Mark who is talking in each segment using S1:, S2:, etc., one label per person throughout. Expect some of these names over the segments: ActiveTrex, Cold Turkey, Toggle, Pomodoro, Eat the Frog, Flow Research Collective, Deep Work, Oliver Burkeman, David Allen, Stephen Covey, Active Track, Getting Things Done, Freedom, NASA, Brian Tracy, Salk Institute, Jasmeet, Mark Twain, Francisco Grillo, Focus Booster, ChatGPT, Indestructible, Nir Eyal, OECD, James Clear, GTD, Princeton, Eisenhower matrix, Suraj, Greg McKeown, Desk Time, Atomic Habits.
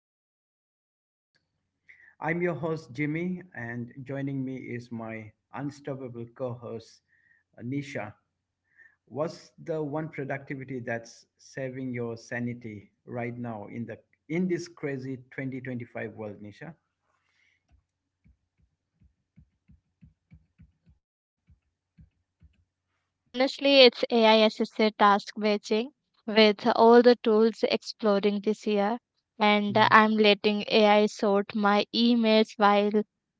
S1: into real results. I'm your host, Jimmy, and joining me is my unstoppable co host, Nisha. What's the one productivity that's saving your sanity right now in this crazy 2025 world, Nisha?
S2: Hey Jimmy, honestly, it's AI assisted task matching with all the tools exploding this year, and I'm letting AI sort my emails while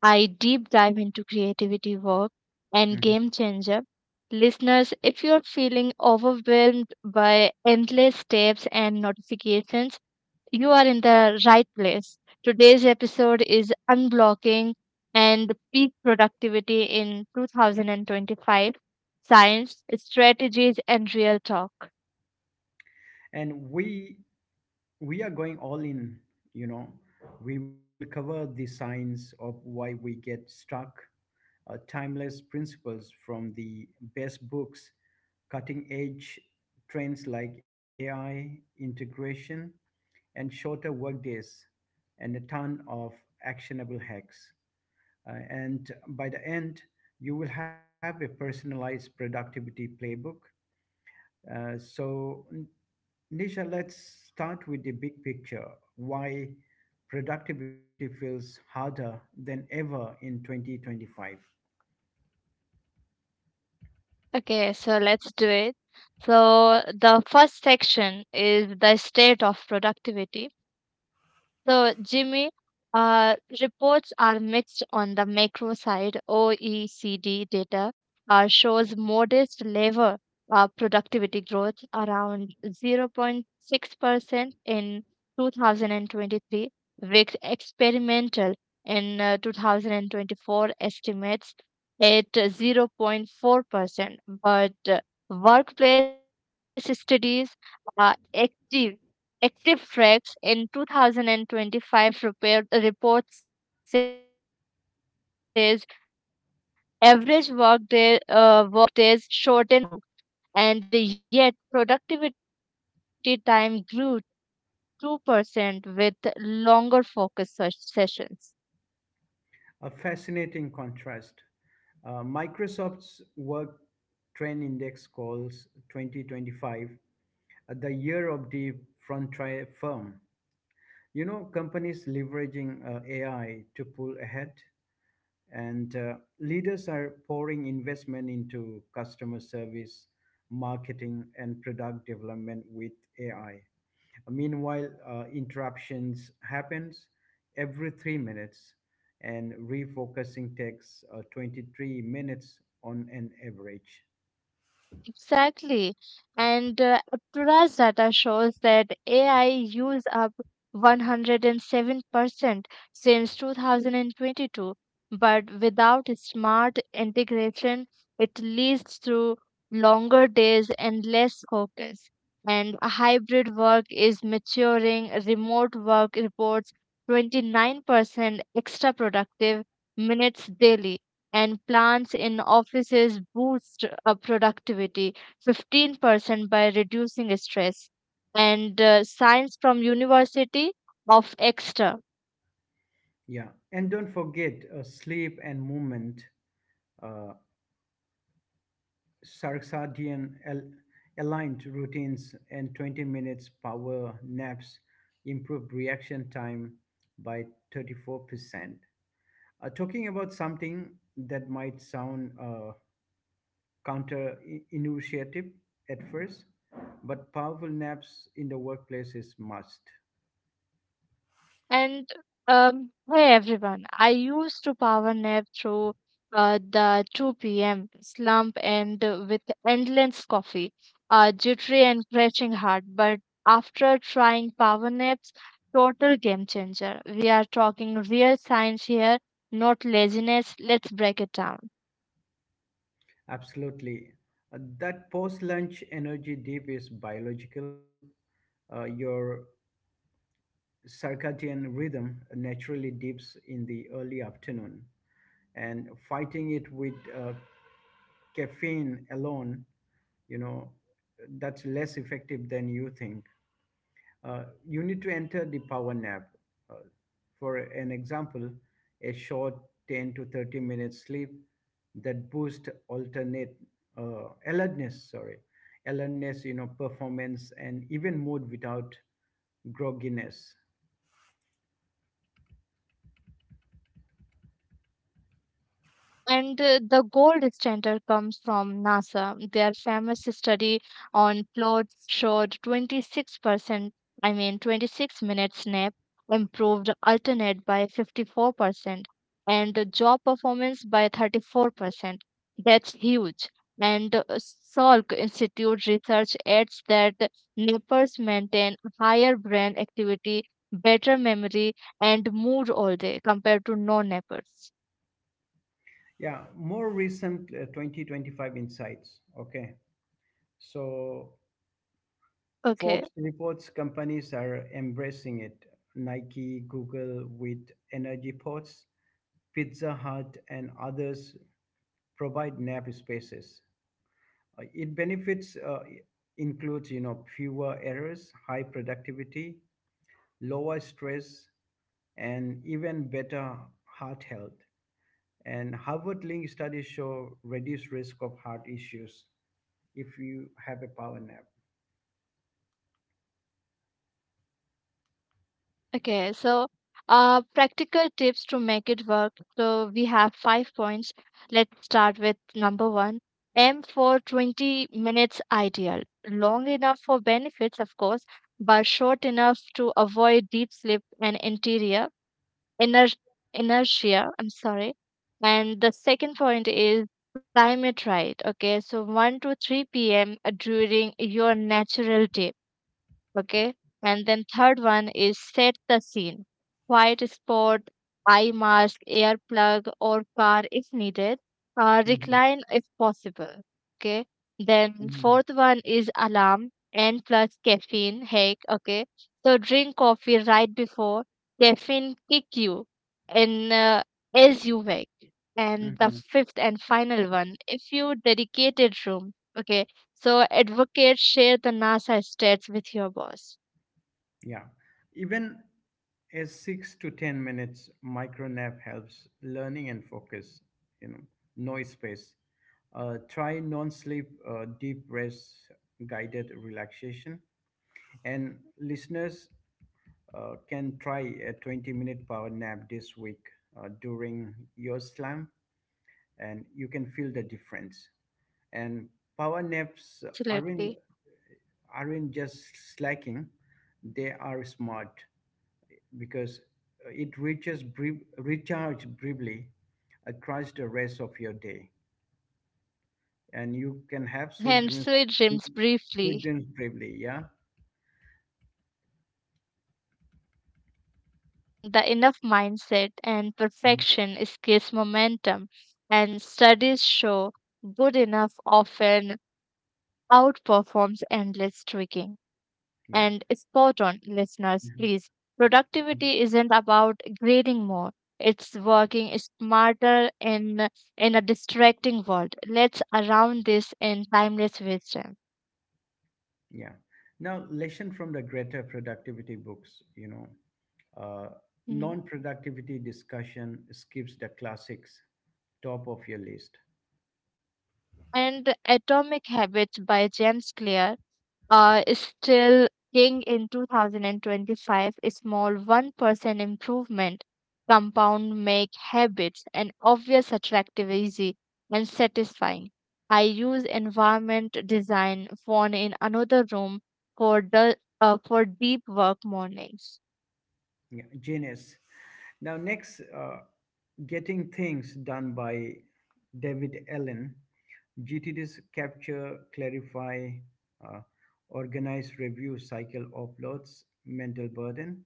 S2: I deep dive into creativity work and
S1: Mhm.
S2: game changer. Listeners, if you're feeling overwhelmed by endless steps and notifications, you are in the right place. Today's episode is Unblocking and Peak Productivity in 2025: Science, Strategies, and Real Talk.
S1: And we are going all in, you know. We will cover the signs of why we get stuck, timeless principles from the best books, cutting edge trends like AI integration and shorter workdays, and a ton of actionable hacks. And by the end, you will have a personalized productivity playbook. Uh, so, N- Nisha, let's start with the big picture why productivity feels harder than ever in 2025.
S2: Okay, so let's do it. So, the first section is the state of productivity. So, Jimmy, uh, reports are mixed on the macro side. OECD data shows modest labor productivity growth around 0.6% in 2023, with experimental in 2024 estimates at 0.4%. But workplace studies are active ActiveTrex in 2025 report, says average work days shortened by 36 minutes since 2022, and yet productivity time grew 2% with longer focus sessions.
S1: A fascinating contrast. Microsoft's Work Trend Index calls 2025 the year of the frontier firm. Companies leveraging AI to pull ahead, and leaders are pouring investment into customer service, marketing, and product development with AI. Meanwhile, interruptions happens every 3 minutes, and refocusing takes 23 minutes on an average.
S2: Exactly. And Aptura's data shows that AI used up 107% since 2022, but without smart integration, it leads to longer days and less focus. And hybrid work is maturing, remote work reports 29% extra productive minutes daily, and plants in offices boost productivity 15% by reducing stress, and science from University of Exeter.
S1: Yeah, and don't forget sleep and movement, uh, circadian aligned routines, and 20 minutes power naps improve reaction time by 34%. Talking about something that might sound counterintuitive at first, but powerful naps in the workplace is must.
S2: And hey everyone, I used to power nap through the 2 p.m. slump, and with endless coffee, jittery and crashing heart. But after trying power naps, total game changer. We are talking real science here, not laziness. Let's break it down.
S1: Absolutely. That post-lunch energy dip is biological. Your circadian rhythm naturally dips in the early afternoon, and fighting it with caffeine alone, you know, that's less effective than you think. You need to enter the power nap. Uh, for an example, a short 10 to 30 minutes sleep that boosts alternate alertness, sorry, alertness, performance and even mood without grogginess.
S2: And the gold standard comes from NASA. Their famous study on plots showed 26%, I mean 26-minute nap improved alternate by 54% and the job performance by 34%. That's huge. And Salk Institute research adds that nappers maintain higher brain activity, better memory, and mood all day compared to non-nappers.
S1: Yeah, more recent 2025 insights. Okay. So Forbes
S2: Okay,
S1: reports companies are embracing it. Nike, Google with energy pods, Pizza Hut, and others provide nap spaces. It benefits includes fewer errors, high productivity, lower stress, and even better heart health. And Harvard link studies show reduced risk of heart issues if you have a power nap.
S2: okay. So, practical tips to make it work. So we have 5 points. Let's start with number one. Aim for 20 minutes ideal. Long enough for benefits, of course, but short enough to avoid deep sleep and interior, iner- inertia. I'm sorry. And the second point is climate. Right, okay, so 1 to 3 p.m. during your natural day. Okay. And then third one is set the scene, quiet spot, eye mask, earplug or car if needed,
S1: Mhm.
S2: recline if possible. Okay. Then
S1: Mhm.
S2: fourth one is alarm and plus caffeine hack. Okay, so drink coffee right before, caffeine kick you, and as you wake. And the
S1: Mhm.
S2: fifth and final one, if you dedicated room. Okay. So advocates share the NASA stats with your boss.
S1: Yeah, even a 6 to 10 minutes micro nap helps learning and focus. You know, no space. Try non-sleep deep rest guided relaxation, and listeners can try a 20-minute power nap this week during your slam, and you can feel the difference. And power naps aren't
S2: Absolutely.
S1: aren't just slacking; they are smart because it reaches brief, recharge briefly across the rest of your day, and you can have sweet
S2: And
S1: dreams,
S2: sweet
S1: sweet,
S2: dreams
S1: sweet
S2: briefly.
S1: dreams briefly. Yeah.
S2: Ha, sure. And embarrassing the enough mindset, and
S1: Mhm.
S2: perfection is case momentum. And studies show good enough often outperforms endless tweaking.
S1: Yeah.
S2: And spot on, listeners,
S1: Mhm.
S2: please.
S1: Mhm.
S2: Productivity isn't about grading more. It's working smarter in a distracting world. Let's around this in timeless wisdom.
S1: Yeah. Now, lesson from the greater productivity books, uh,
S2: Mhm.
S1: non-productivity discussion skips the classics, top of your list.
S2: And Atomic Habits by James Clear is still king in 2025, a small 1% improvement compound, make habits an obvious, attractive, easy, and satisfying. I use environment design, phone in another room, for the for deep work mornings.
S1: Yeah, genius. Now, next, Getting Things Done by David Allen GTD's capture, clarify, uh, organize, review cycle uploads mental burden.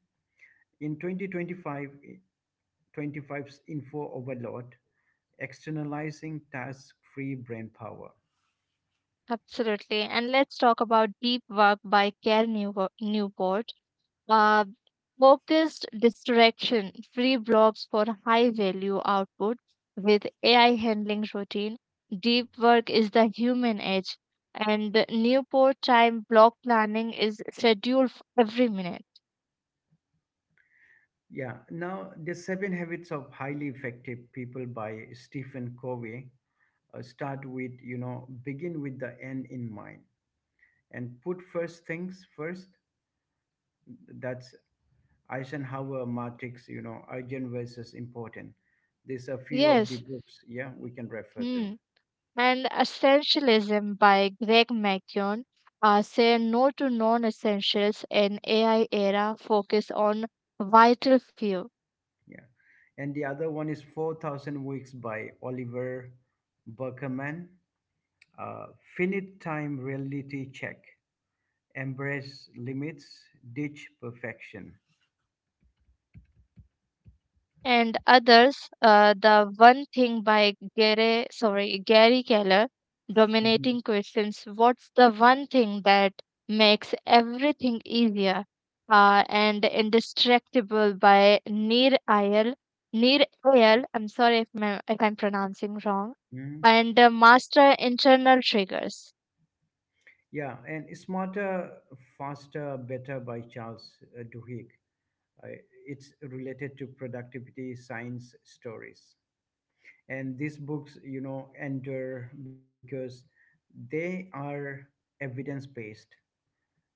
S1: In 2025, 25's info overload, externalizing task free brain power.
S2: Absolutely. And let's talk about Deep Work by Care Newport. Uh, Focused, distraction free blocks for high value output with AI handling routine. Deep work is the human edge, and Newport time block planning is scheduled for every minute.
S1: Yeah, now the seven habits of highly effective people by Stephen Covey start with, begin with the end in mind and put first things first. That's Eisenhower matrix, urgent versus important. These are few of the
S2: Yes,
S1: books, yeah, we can refer to.
S2: hmm. And Essentialism by Greg McKeown. Say no to non essentials in AI era, focus on vital few.
S1: Yeah. And the other one is 4,000 Weeks by Oliver Burkeman. Uh, Finite Time Reality Check. Embrace Limits, Ditch Perfection.
S2: And others, The One Thing by Gary Keller,
S1: Mhm.
S2: dominating questions: what's the one thing that makes everything easier? And Indestructible by Nir ayal. I'm sorry if I'm pronouncing wrong.
S1: Mhm.
S2: And master internal triggers.
S1: Yeah, and Smarter, Faster, Better by Charles Duhigg. Uh, it's related to productivity science stories. And these books enter because they are evidence based,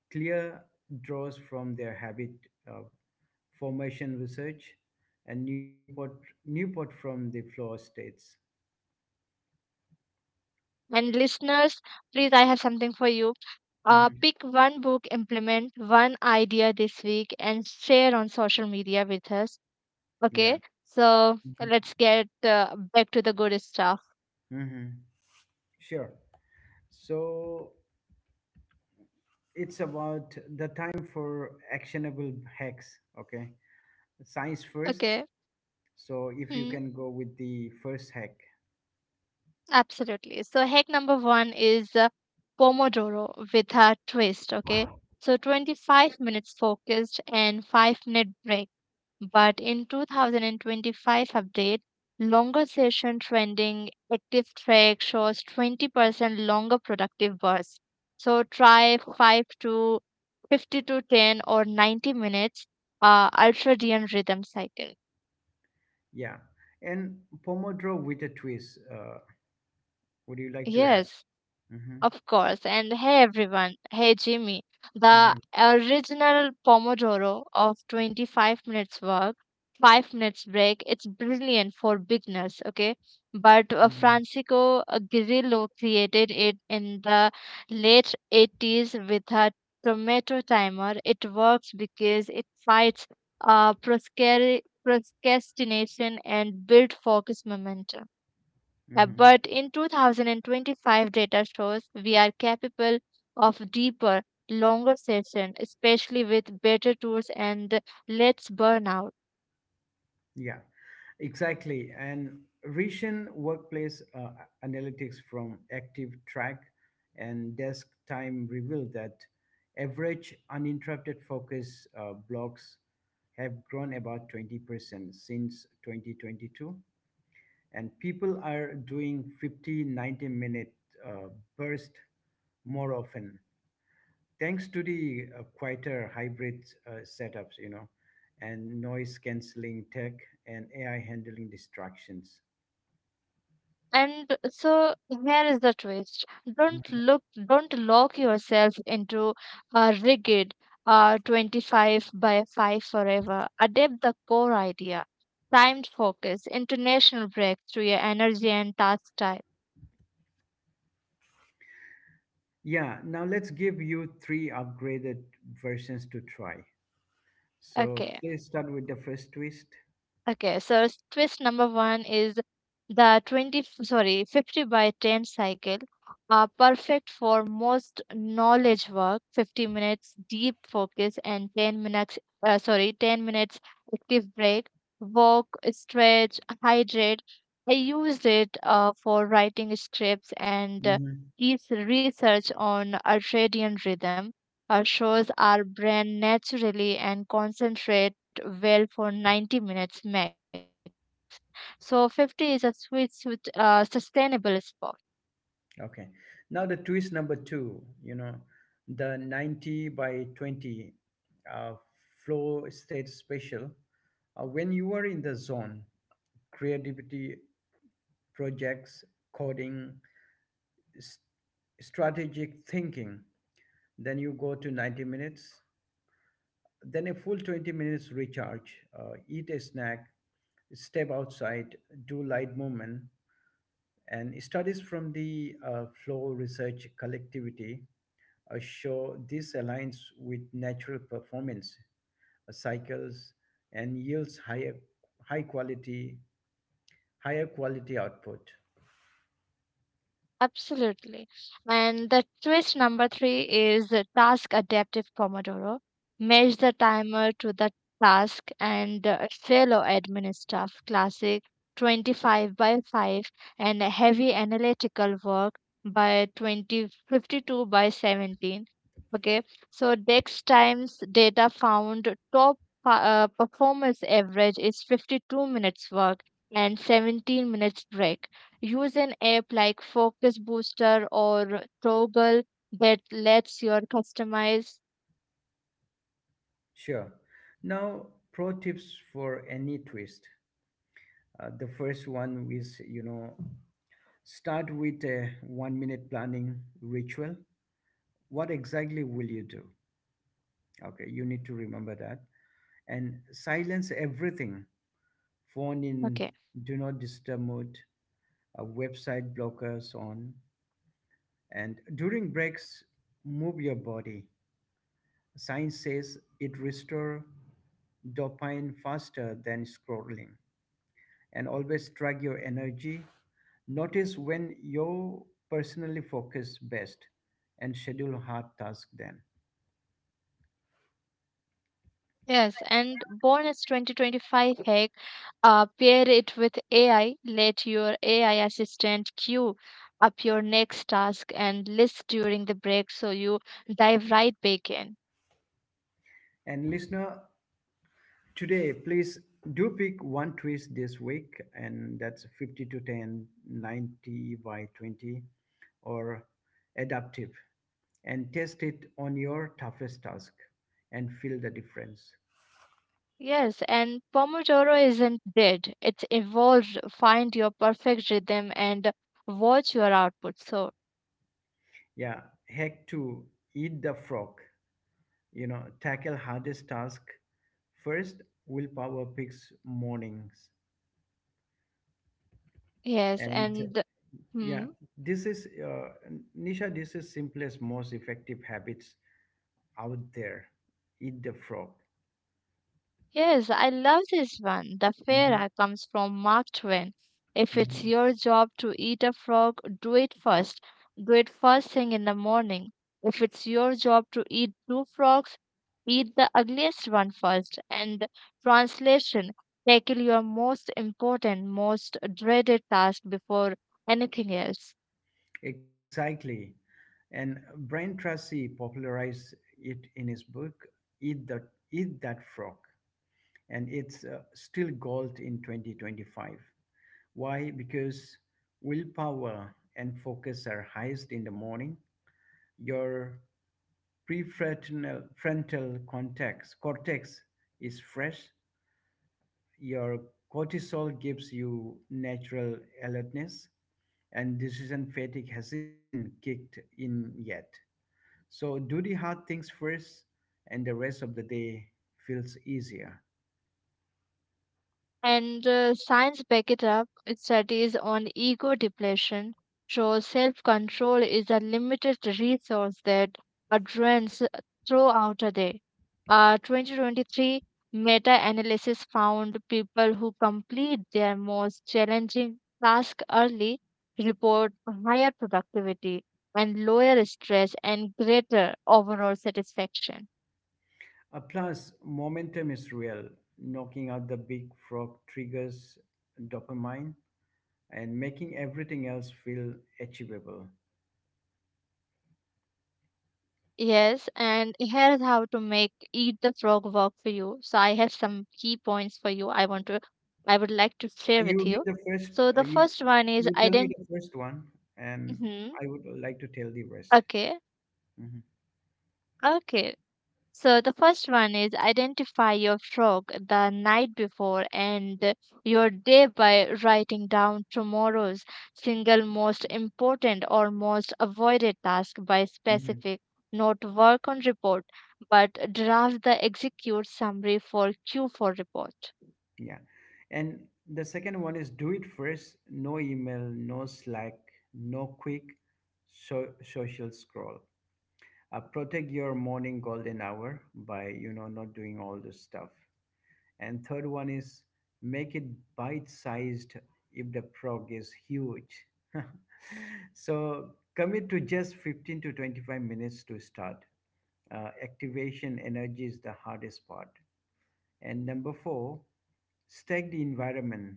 S1: clear, draws from their habit uh, formation research and Newport from the floor states.
S2: And listeners, please, I have something for you.
S1: Hmm.
S2: Pick one book, implement one idea this week, and share on social media with us.
S1: Yeah.
S2: Okay, so let's get back to the good stuff.
S1: Hmm. Sure. So it's about the time for actionable hacks. Okay. Science first.
S2: Okay.
S1: So if you
S2: Hmm,
S1: can go with the first hack,
S2: absolutely. So, hack number one is Pomodoro with a twist. Okay, so 25 minutes focused and 5-minute break. But in 2025 update, longer session trending active track shows 20% longer productive bursts. So try 5 to 50 to 10 or 90 minutes ultradian rhythm cycle.
S1: yeah, and Pomodoro with a twist. Would you like to add?
S2: Yes.
S1: Hmm.
S2: Of course. And hey, everyone. Hey, Jimmy. The
S1: Hmm.
S2: original Pomodoro of 25 minutes work, 5 minutes break, it's brilliant for beginners, okay? But
S1: Hmm.
S2: Francisco Grillo created it in the late 80s with a tomato timer. It works because it fights procrastination and build focus momentum.
S1: Hmm.
S2: But in 2025, data shows we are capable of deeper, longer session, especially with better tools and less burnout.
S1: Yeah, exactly. And recent workplace analytics from Active Track and Desk Time revealed that average uninterrupted focus blocks have grown about 20% since 2022 and people are doing 50-90 minute uh, burst more often thanks to the quieter hybrid setups, and noise canceling tech and AI handling distractions.
S2: And so here is the twist.
S1: Mhm.
S2: Don't lock yourself into a rigid, 25 by 5 forever. Adapt the core idea, timed focus, international breaks to your energy and task type.
S1: Yeah, now let's give you three upgraded versions to try. So
S2: Okay.
S1: please start with the first twist.
S2: Okay, so twist number one is the 20, 50 by 10 cycle, are perfect for most knowledge work, 50 minutes deep focus and 10 minutes active break, walk, stretch, hydrate. I used it for writing scripts, and
S1: Mhm.
S2: is research on ultradian rhythm. Shows our brain naturally and concentrate well for 90 minutes max, so 50 is a sweet, sweet, sustainable spot.
S1: Okay. Now the twist number two, the 90 by 20 uh, flow state special. When you are in the zone, creativity projects, coding, s- strategic thinking, then you go to 90 minutes, then a full 20 minutes recharge, eat a snack, step outside, do light movement. And studies from the flow research collectivity show this aligns with natural performance cycles and yields high quality higher quality output.
S2: Absolutely. And the twist number three is the task adaptive Pomodoro. Match the timer to the task, and fellow admin stuff, classic 25 by 5, and heavy analytical work by 20 52 by 17. Okay, so Dex Times data found top performance average is 52 minutes work and 17 minutes break. Use an app like Focus Booster or Toggle that lets your customize.
S1: Sure. Now pro tips for any twist. The first one is, start with a 1 minute planning ritual. What exactly will you do? Okay, you need to remember that. And silence
S2: Okay.
S1: everything, phone in do not disturb mode, website blockers on. And during breaks, move your body. Science says it restores dopamine faster than scrolling. And always track your energy. Notice when you personally focus best and schedule hard tasks then.
S2: Yes, and bonus 2025 hack, pair it with AI. Let your AI assistant queue up your next task and list during the break so you dive right back in.
S1: And listener, today please do pick one twist this week, and that's 50 to 10, 90 by 20, or adaptive, and test it on your toughest task and feel the difference.
S2: Yes, and Pomodoro isn't dead. It's evolved. Find your perfect rhythm and watch your output. So,
S1: Yeah, hack to eat the frog, tackle hardest task first, willpower picks mornings
S2: yes,
S1: and.
S2: and
S1: Yeah,
S2: hmm,
S1: this is Nisha. This is simplest, most effective habits out there. Eat the frog.
S2: yes, I love this one. The
S1: Mhm.
S2: Pharaoh comes from Mark Twain. If it's
S1: Mhm.
S2: your job to eat a frog, do it first. Do it first thing in the morning. If it's your job to eat two frogs, eat the ugliest one first. And translation, tackle your most important, most dreaded task before anything else.
S1: Exactly, and Brian Tracy popularized it in his book "Eat the Eat That Frog," and it's still gold in 2025. Why? Because willpower and focus are highest in the morning. Your prefrontal frontal cortex cortex is fresh, your cortisol gives you natural alertness, and decision fatigue hasn't kicked in yet. So do the hard things first, and the rest of the day feels easier.
S2: And science back it up. It studies on ego depletion shows self-control is a limited resource that are drains throughout a day. 2023 meta-analysis found people who complete their most challenging task early report higher productivity and lower stress and greater overall satisfaction.
S1: Plus, momentum is real. Knocking out the big frog triggers dopamine and making everything else feel achievable.
S2: Yes, and here's how to make Eat the Frog work for you. So I have some key points for you, I would like to
S1: Uh,
S2: share
S1: You
S2: with
S1: read the
S2: you.
S1: first. Uh,
S2: So the
S1: you
S2: first one
S1: you
S2: is
S1: tell me the
S2: ident
S1: first one, and I
S2: Mhm.
S1: would like to tell the rest.
S2: Okay.
S1: Mhm.
S2: Okay. So the first one is identify your frog the night before, and your day by writing down tomorrow's single most important or most avoided task by
S1: Mhm.
S2: specific, not work on report, but draft the execute summary for q for report.
S1: Yeah. And the second one is do it first. No email, no Slack, no quick social scroll. Protect your morning golden hour by not doing all this stuff. And third one is make it bite-sized if the prog is huge. So commit to just 15 to 25 minutes to start. Activation energy is the hardest part. And number four, stack the environment,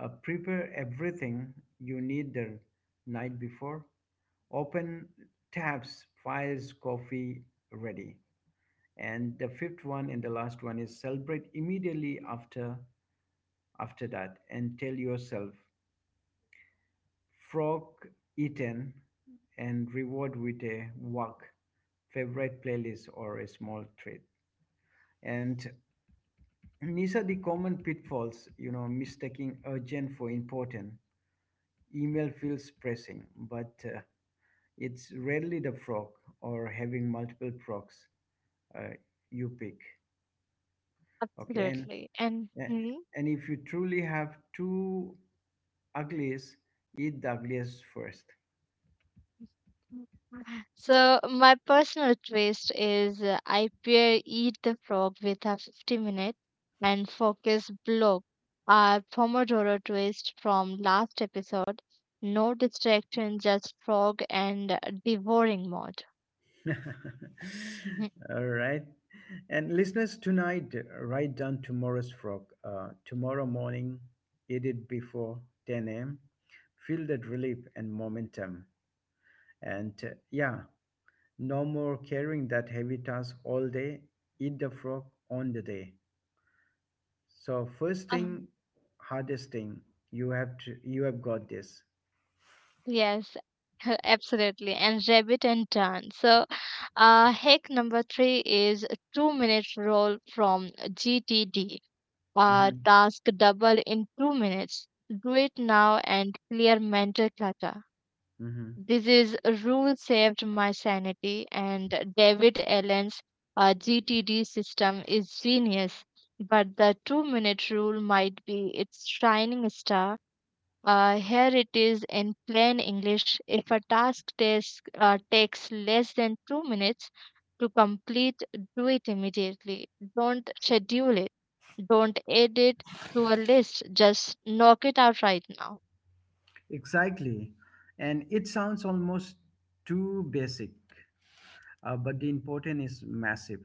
S1: prepare everything you need the night before. Open tabs, files, coffee ready. And the fifth one and the last one is celebrate immediately after that and tell yourself frog eaten and reward with a walk, favorite playlist or a small treat. And these are the common pitfalls, mistaking urgent for important. Email feels pressing, but it's rarely the frog or having multiple frogs uh, you pick. Okay,
S2: Absolutely. And
S1: uh, and if you truly have two uglies, eat the ugliest first.
S2: so my personal twist is, I pair eat the frog with a 50 minute and focus block. Our Pomodoro twist from last episode. No distraction, just frog and devouring mode. Mhm.
S1: All right. And listeners, tonight, write down tomorrow's frog. Tomorrow morning, eat it before 10 a.m. Feel that relief and momentum. And yeah, no more carrying that heavy task all day. Eat the frog on the day. So first
S2: Um,
S1: thing, hardest thing. You have to. You have got this.
S2: yes, absolutely. And rabbit and turn. So hack number three is 2-minute roll from GTD.
S1: Hmm.
S2: Task double in 2 minutes. Do it now and clear mental clutter.
S1: Hmm.
S2: This is rule saved my sanity, and David Allen's GTD system is genius. But the 2-minute rule might be its shining star. Here it is in plain English. If a task takes less than 2 minutes to complete, do it immediately. Don't schedule it. Don't add it to a list. Just knock it out right now.
S1: Exactly, and it sounds almost too basic, but the importance is massive.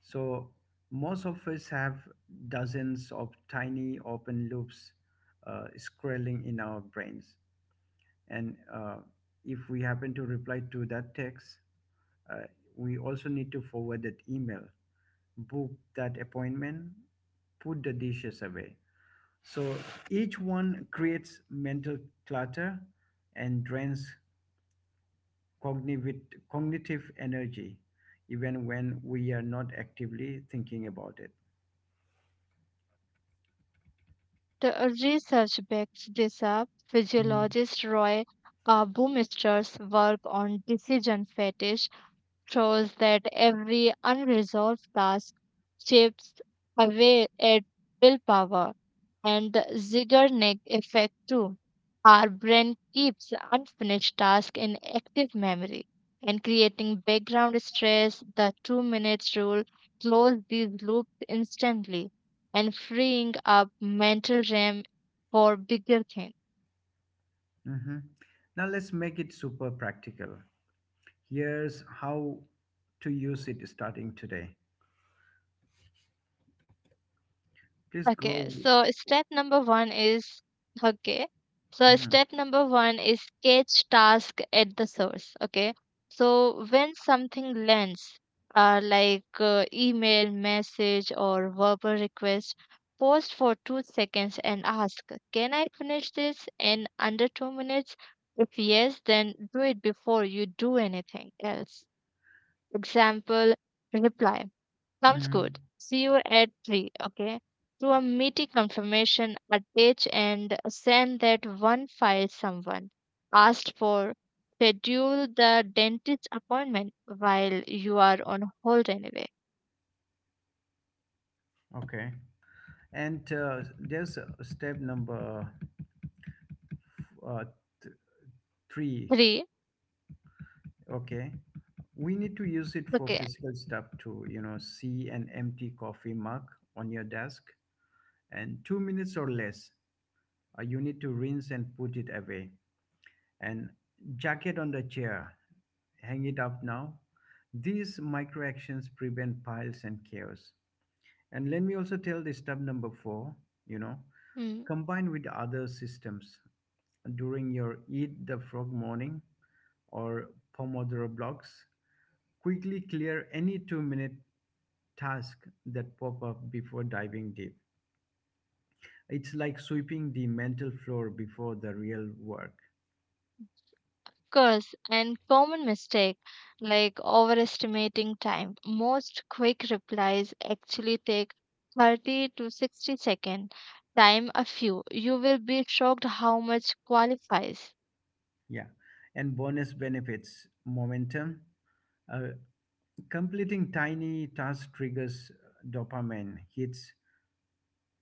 S1: So most of us have dozens of tiny open loops scrolling in our brains, and if we happen to reply to that text. Uh, we also need to forward that email, book that appointment, put the dishes away. So each one creates mental clutter and drains cognitive, cognitive energy, even when we are not actively thinking about it.
S2: The research backs this up.
S1: Mm-hmm.
S2: Physiologist Roy Baumeister's work on decision fatigue shows that every unresolved task chips away at willpower, and the Zeigarnik effect too. Our brain keeps unfinished tasks in active memory and creating background stress, the 2 minutes rule close these loops instantly and freeing up mental RAM for bigger things.
S1: Now let's make it super practical. Here's how to use it starting today. Please
S2: Okay,
S1: go.
S2: so step number one is okay. So
S1: Mm-hmm.
S2: step number one is catch task at the source. Okay, so when something lands, like email, message, or verbal request, pause for 2 seconds and ask, "Can I finish this in under 2 minutes?" If yes, then do it before you do anything else. Example reply. Sounds
S1: Mm-hmm.
S2: good. See you at 3, okay? Do a meeting confirmation, attach and send that one file someone asked for. Schedule the dentist appointment while you are on hold anyway.
S1: Okay. And there's step number uh, th- three.
S2: 3.
S1: Okay, we need to use it for
S2: Okay.
S1: physical stuff too. See an empty coffee mug on your desk, and 2 minutes or less, you need to rinse and put it away. And jacket on the chair, hang it up now. These micro actions prevent piles and chaos. And let me also tell the step number four. You know,
S2: Mm.
S1: Combine with other systems. During your Eat the Frog morning or Pomodoro blocks. Quickly clear any 2 minute tasks that pop up before diving deep. It's like sweeping the mental floor before the real work.
S2: Cause and common mistake, like overestimating time. Most quick replies actually take 30 to 60 second. Time a few. You will be shocked how much qualifies.
S1: Yeah. And bonus benefits momentum. Uh, completing tiny tasks triggers dopamine hits,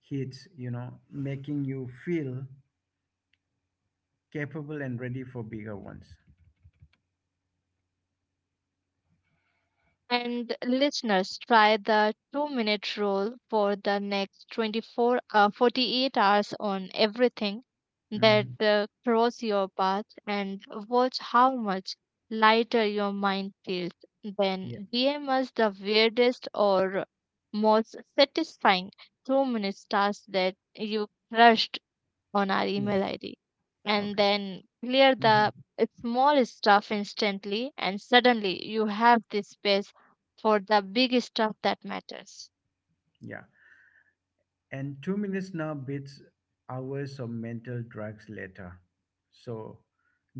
S1: hits, making you feel capable and ready for bigger ones.
S2: And listeners, try the two-minute rule for the next 24, 48 hours on everything that
S1: Mm.
S2: cross your path and watch how much lighter your mind feels.
S1: Yeah.
S2: Then DM us the weirdest or most satisfying two-minute task that you crushed on our
S1: Yeah.
S2: email ID, and
S1: Okay.
S2: then clear
S1: Mhm.
S2: the small stuff instantly, and suddenly you have the space for the big stuff that matters.
S1: Yeah. And 2 minutes now beats hours of mental drugs later. So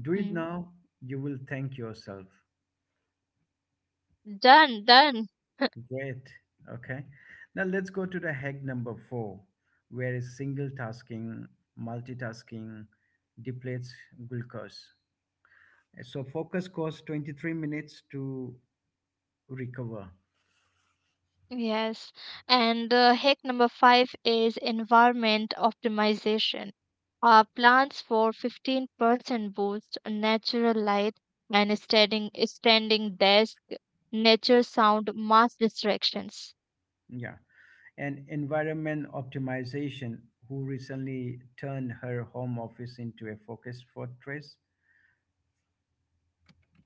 S1: do it
S2: Mm.
S1: now. You will thank yourself.
S2: Done, done.
S1: Great. Okay. Now let's go to the hack number four, where is single tasking, multitasking depletes glucose. So focus costs 23 minutes to recover.
S2: Yes. And hack number five is environment optimization. Plants for 15% boost, natural light, and standing desk, nature sound, mass distractions.
S1: Yeah. And environment optimization, who recently turned her home office into a focus fortress.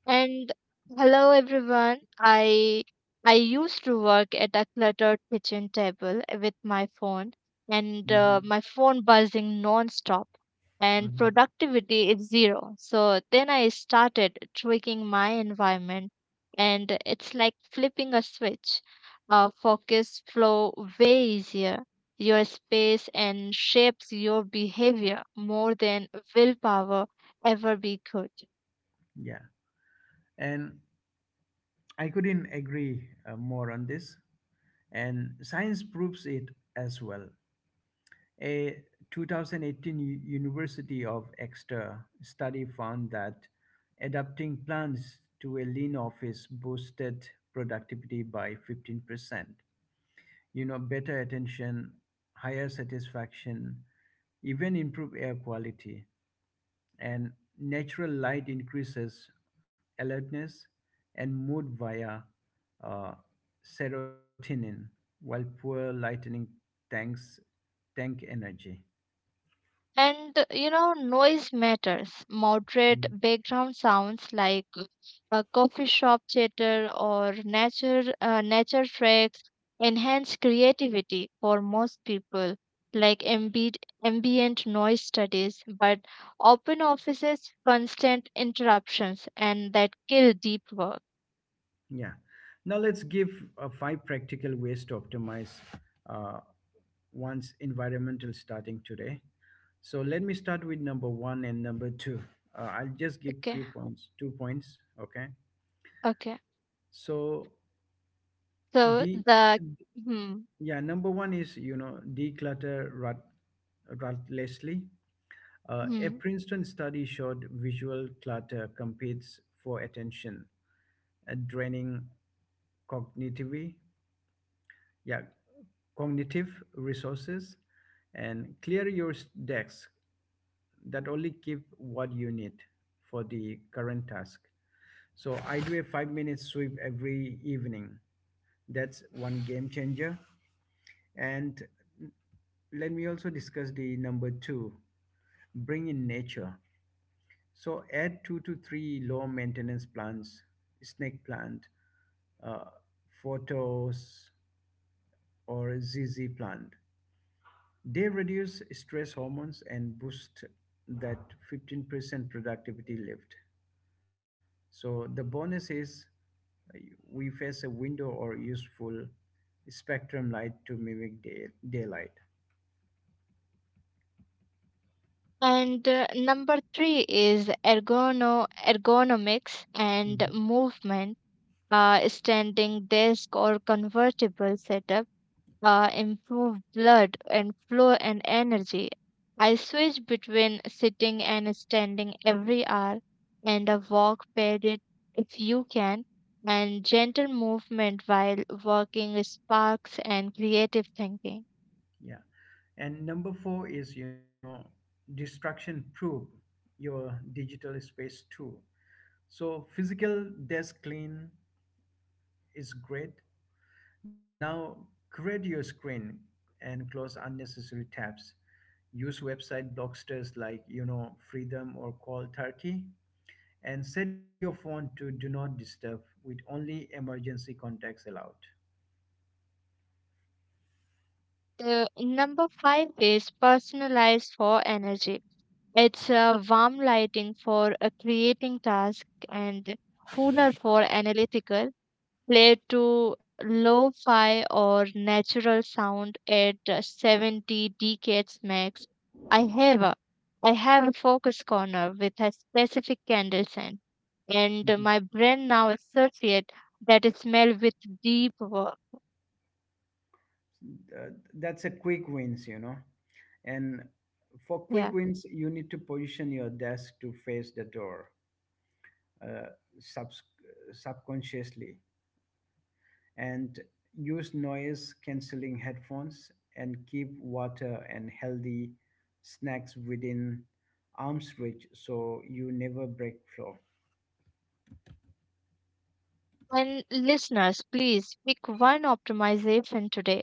S2: And hello everyone. I used to work at a cluttered kitchen table with my phone and my phone buzzing non-stop and
S1: Mhm.
S2: productivity is zero. So then I started tweaking my environment and it's like flipping a switch. Focus flow way easier. Your space and shapes your behavior more than willpower ever be could.
S1: Yeah, and I couldn't agree more on this. And science proves it as well. A 2018 University of Exeter study found that adapting plants to a lean office boosted productivity by 15%. You know, better attention, higher satisfaction, even improve air quality. And natural light increases alertness and mood via uh, serotonin, while poor lightning tanks tank energy.
S2: And you know, noise matters. Moderate
S1: Mm.
S2: background sounds like a coffee shop chatter or nature nature tracks enhance creativity for most people, like ambient noise studies. But open offices, constant interruptions, and that kill deep work.
S1: Yeah. Now let's give five practical ways to optimize uh, one's environmental starting today. So let me start with number one and number two. I'll just give
S2: Okay,
S1: few points, 2 points. Okay.
S2: okay.
S1: So
S2: So
S1: the
S2: the hmm,
S1: Yeah, number one is, you know, declutter rutlessly. A
S2: hmm.
S1: Princeton study showed visual clutter competes for attention, draining cognitively, yeah, cognitive resources, and clear your decks, that only keep what you need for the current task. So I do a 5 minute sweep every evening. That's one game changer. And let me also discuss the number two, bring in nature, so add two to three low maintenance plants, snake plant, uh, photos or zz plant. They reduce stress hormones and boost that 15% productivity lift. So the bonus is, uh, we face a window or useful spectrum light to mimic daylight.
S2: And number three is ergonomics and
S1: Mhm.
S2: movement. Standing desk or convertible setup improve blood and flow and energy. I switch between sitting and standing every hour, and a walk paired if you can. And gentle movement while working sparks and creative thinking.
S1: Yeah. And number four is, you know, distraction proof your digital space too. So physical desk clean is great. Now create your screen and close unnecessary tabs. Use website blocksters like, you know, Freedom or Call Turkey, and set your phone to do not disturb with only emergency contacts allowed.
S2: The number five is personalized for energy. It's a warm lighting for a creating task and cooler for analytical. Play to lo-fi or natural sound at 70 decades max. I have a I have a focus corner with a specific candle scent, and
S1: Mhm.
S2: my brain now associate that smell with deep work.
S1: That's a quick wins, you know. And for quick
S2: Yeah.
S1: wins, you need to position your desk to face the door, uh, subs- subconsciously, and use noise cancelling headphones and keep water and healthy snacks within arm's reach so you never break flow.
S2: And listeners, please pick one optimization today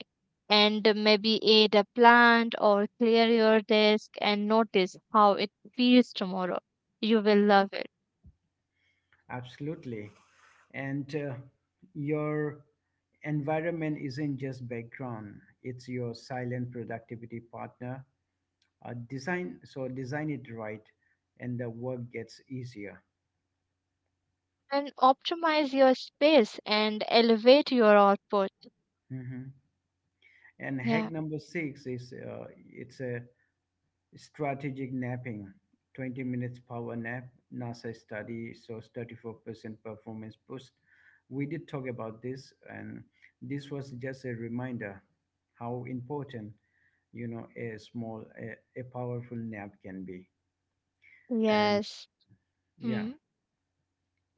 S2: and maybe add a plant or clear your desk and notice how it feels tomorrow. You will love it.
S1: Absolutely. And your environment isn't just background, it's your silent productivity partner. Design it right and the work gets easier.
S2: And optimize your space and elevate your output.
S1: Hmm. And hack
S2: Yeah.
S1: number six is, it's a strategic napping, 20 minutes power nap, nasa study shows 34% performance boost. We did talk about this, and this was just a reminder how important, you know, a powerful nap can be. And
S2: Yes.
S1: yeah.
S2: Hmm.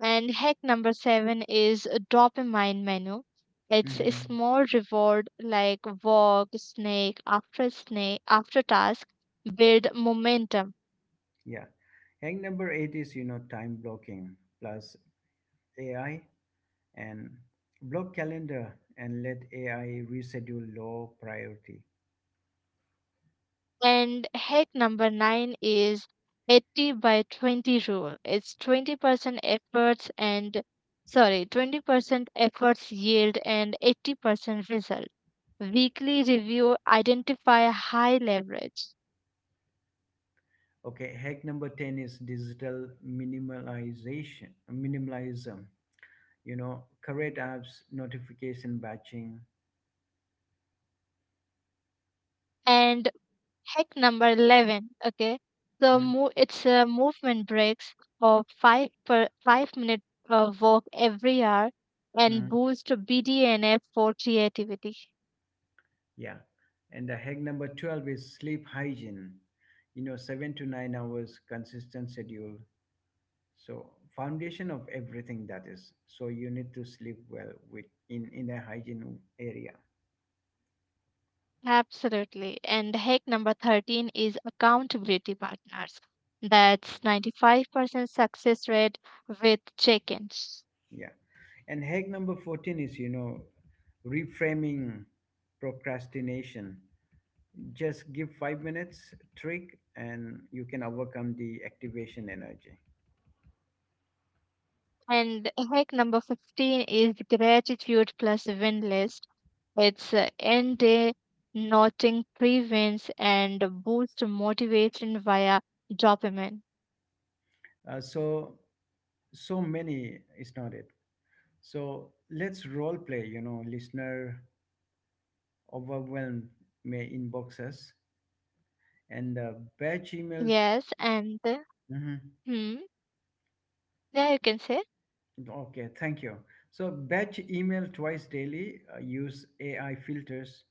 S2: And hack number seven is a dopamine menu. It's a
S1: Hmm.
S2: small reward like walk, snake, after snake, after task, build momentum.
S1: Yeah. Hack number eight is, you know, time blocking plus AI, and block calendar and let AI reschedule low priority.
S2: And hack number nine is 80 by 20 rule. It's 20% efforts and sorry, 20% efforts yield and 80% result. Weekly review identify high leverage.
S1: Okay, hack number 10 is digital minimalism, you know, curate apps, notification batching.
S2: And hack number 11, okay? So it's a movement breaks of 5 per 5 minute walk every hour
S1: Mhm.
S2: and boost BDNF for creativity.
S1: Yeah. And the hack number 12 is sleep hygiene, you know, 7 to 9 hours consistent schedule. So foundation of everything that is. So you need to sleep well with in a hygiene area.
S2: Absolutely. And hack number 13 is accountability partners. That's 95% success rate with check-ins.
S1: Yeah. And hack number 14 is, you know, reframing procrastination. Just give 5 minutes trick and you can overcome the activation energy.
S2: And hack number 15 is gratitude plus win list. It's end day noting prevents and boost motivation via dopamine.
S1: So, so many is not it. So let's role play, you know, listener overwhelmed may inbox us, and batch email.
S2: Yes, and
S1: Mhm.
S2: hmm, yeah, you can say
S1: Okay, thank you. So batch email twice daily, use AI filters,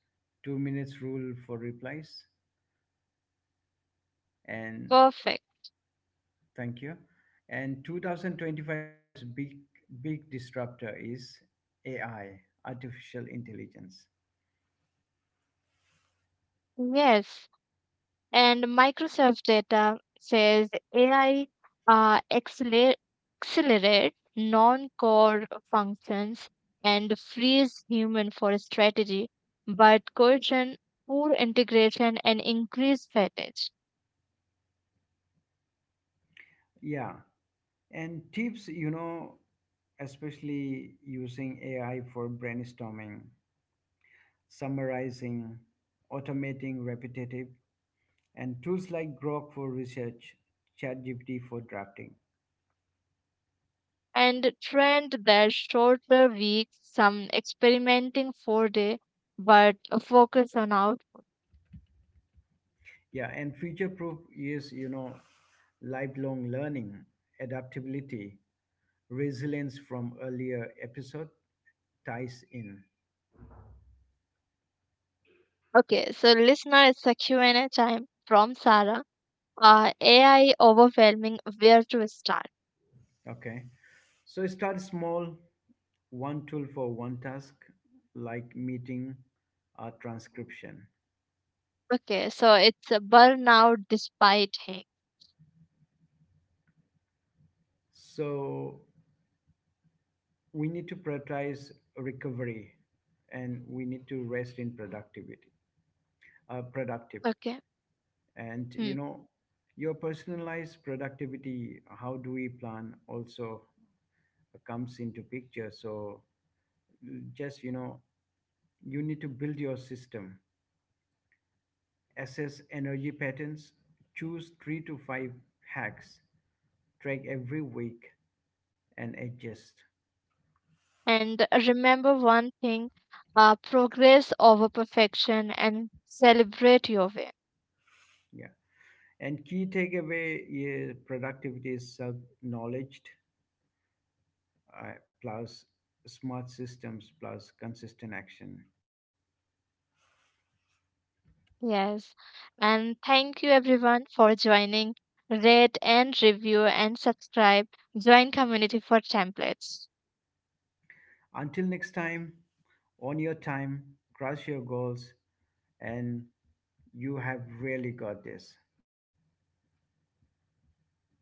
S1: 2 minutes rule for replies, and
S2: perfect.
S1: thank you. And 2025's big disruptor is AI, artificial intelligence.
S2: Yes. And Microsoft data says AI uh, acceler- accelerate non-core functions and frees human for strategy, but coercion, poor integration, and increased fatigue.
S1: Yeah, and tips, you know, especially using AI for brainstorming, summarizing, automating repetitive, and tools like Grok for research, ChatGPT for drafting.
S2: And trend that shorter weeks, some experimenting four day, but a focus on out.
S1: Yeah, and future proof is, you know, lifelong learning, adaptability, resilience from earlier episode ties in.
S2: Okay, so listener, it's a Q and a time from Sarah. AI overwhelming, where to start?
S1: Okay. So start small, one tool for one task, like meeting or transcription.
S2: Okay, so it's a burnout despite him.
S1: So we need to prioritize recovery, and we need to rest in productive.
S2: Okay.
S1: And
S2: Hmm.
S1: you know, your personalized productivity, how do we plan also comes into picture. So just, you know, you need to build your system, assess energy patterns, choose 3 to 5 hacks, track every week, and adjust.
S2: And remember one thing, progress over perfection and celebrate your win.
S1: Yeah, and key takeaway is productivity is self knowledge plus smart systems plus consistent action.
S2: Yes. And thank you everyone for joining. Rate and review and subscribe. Join community for templates.
S1: Until next time, on your time, crush your goals, and you have really got this.
S2: Hmm.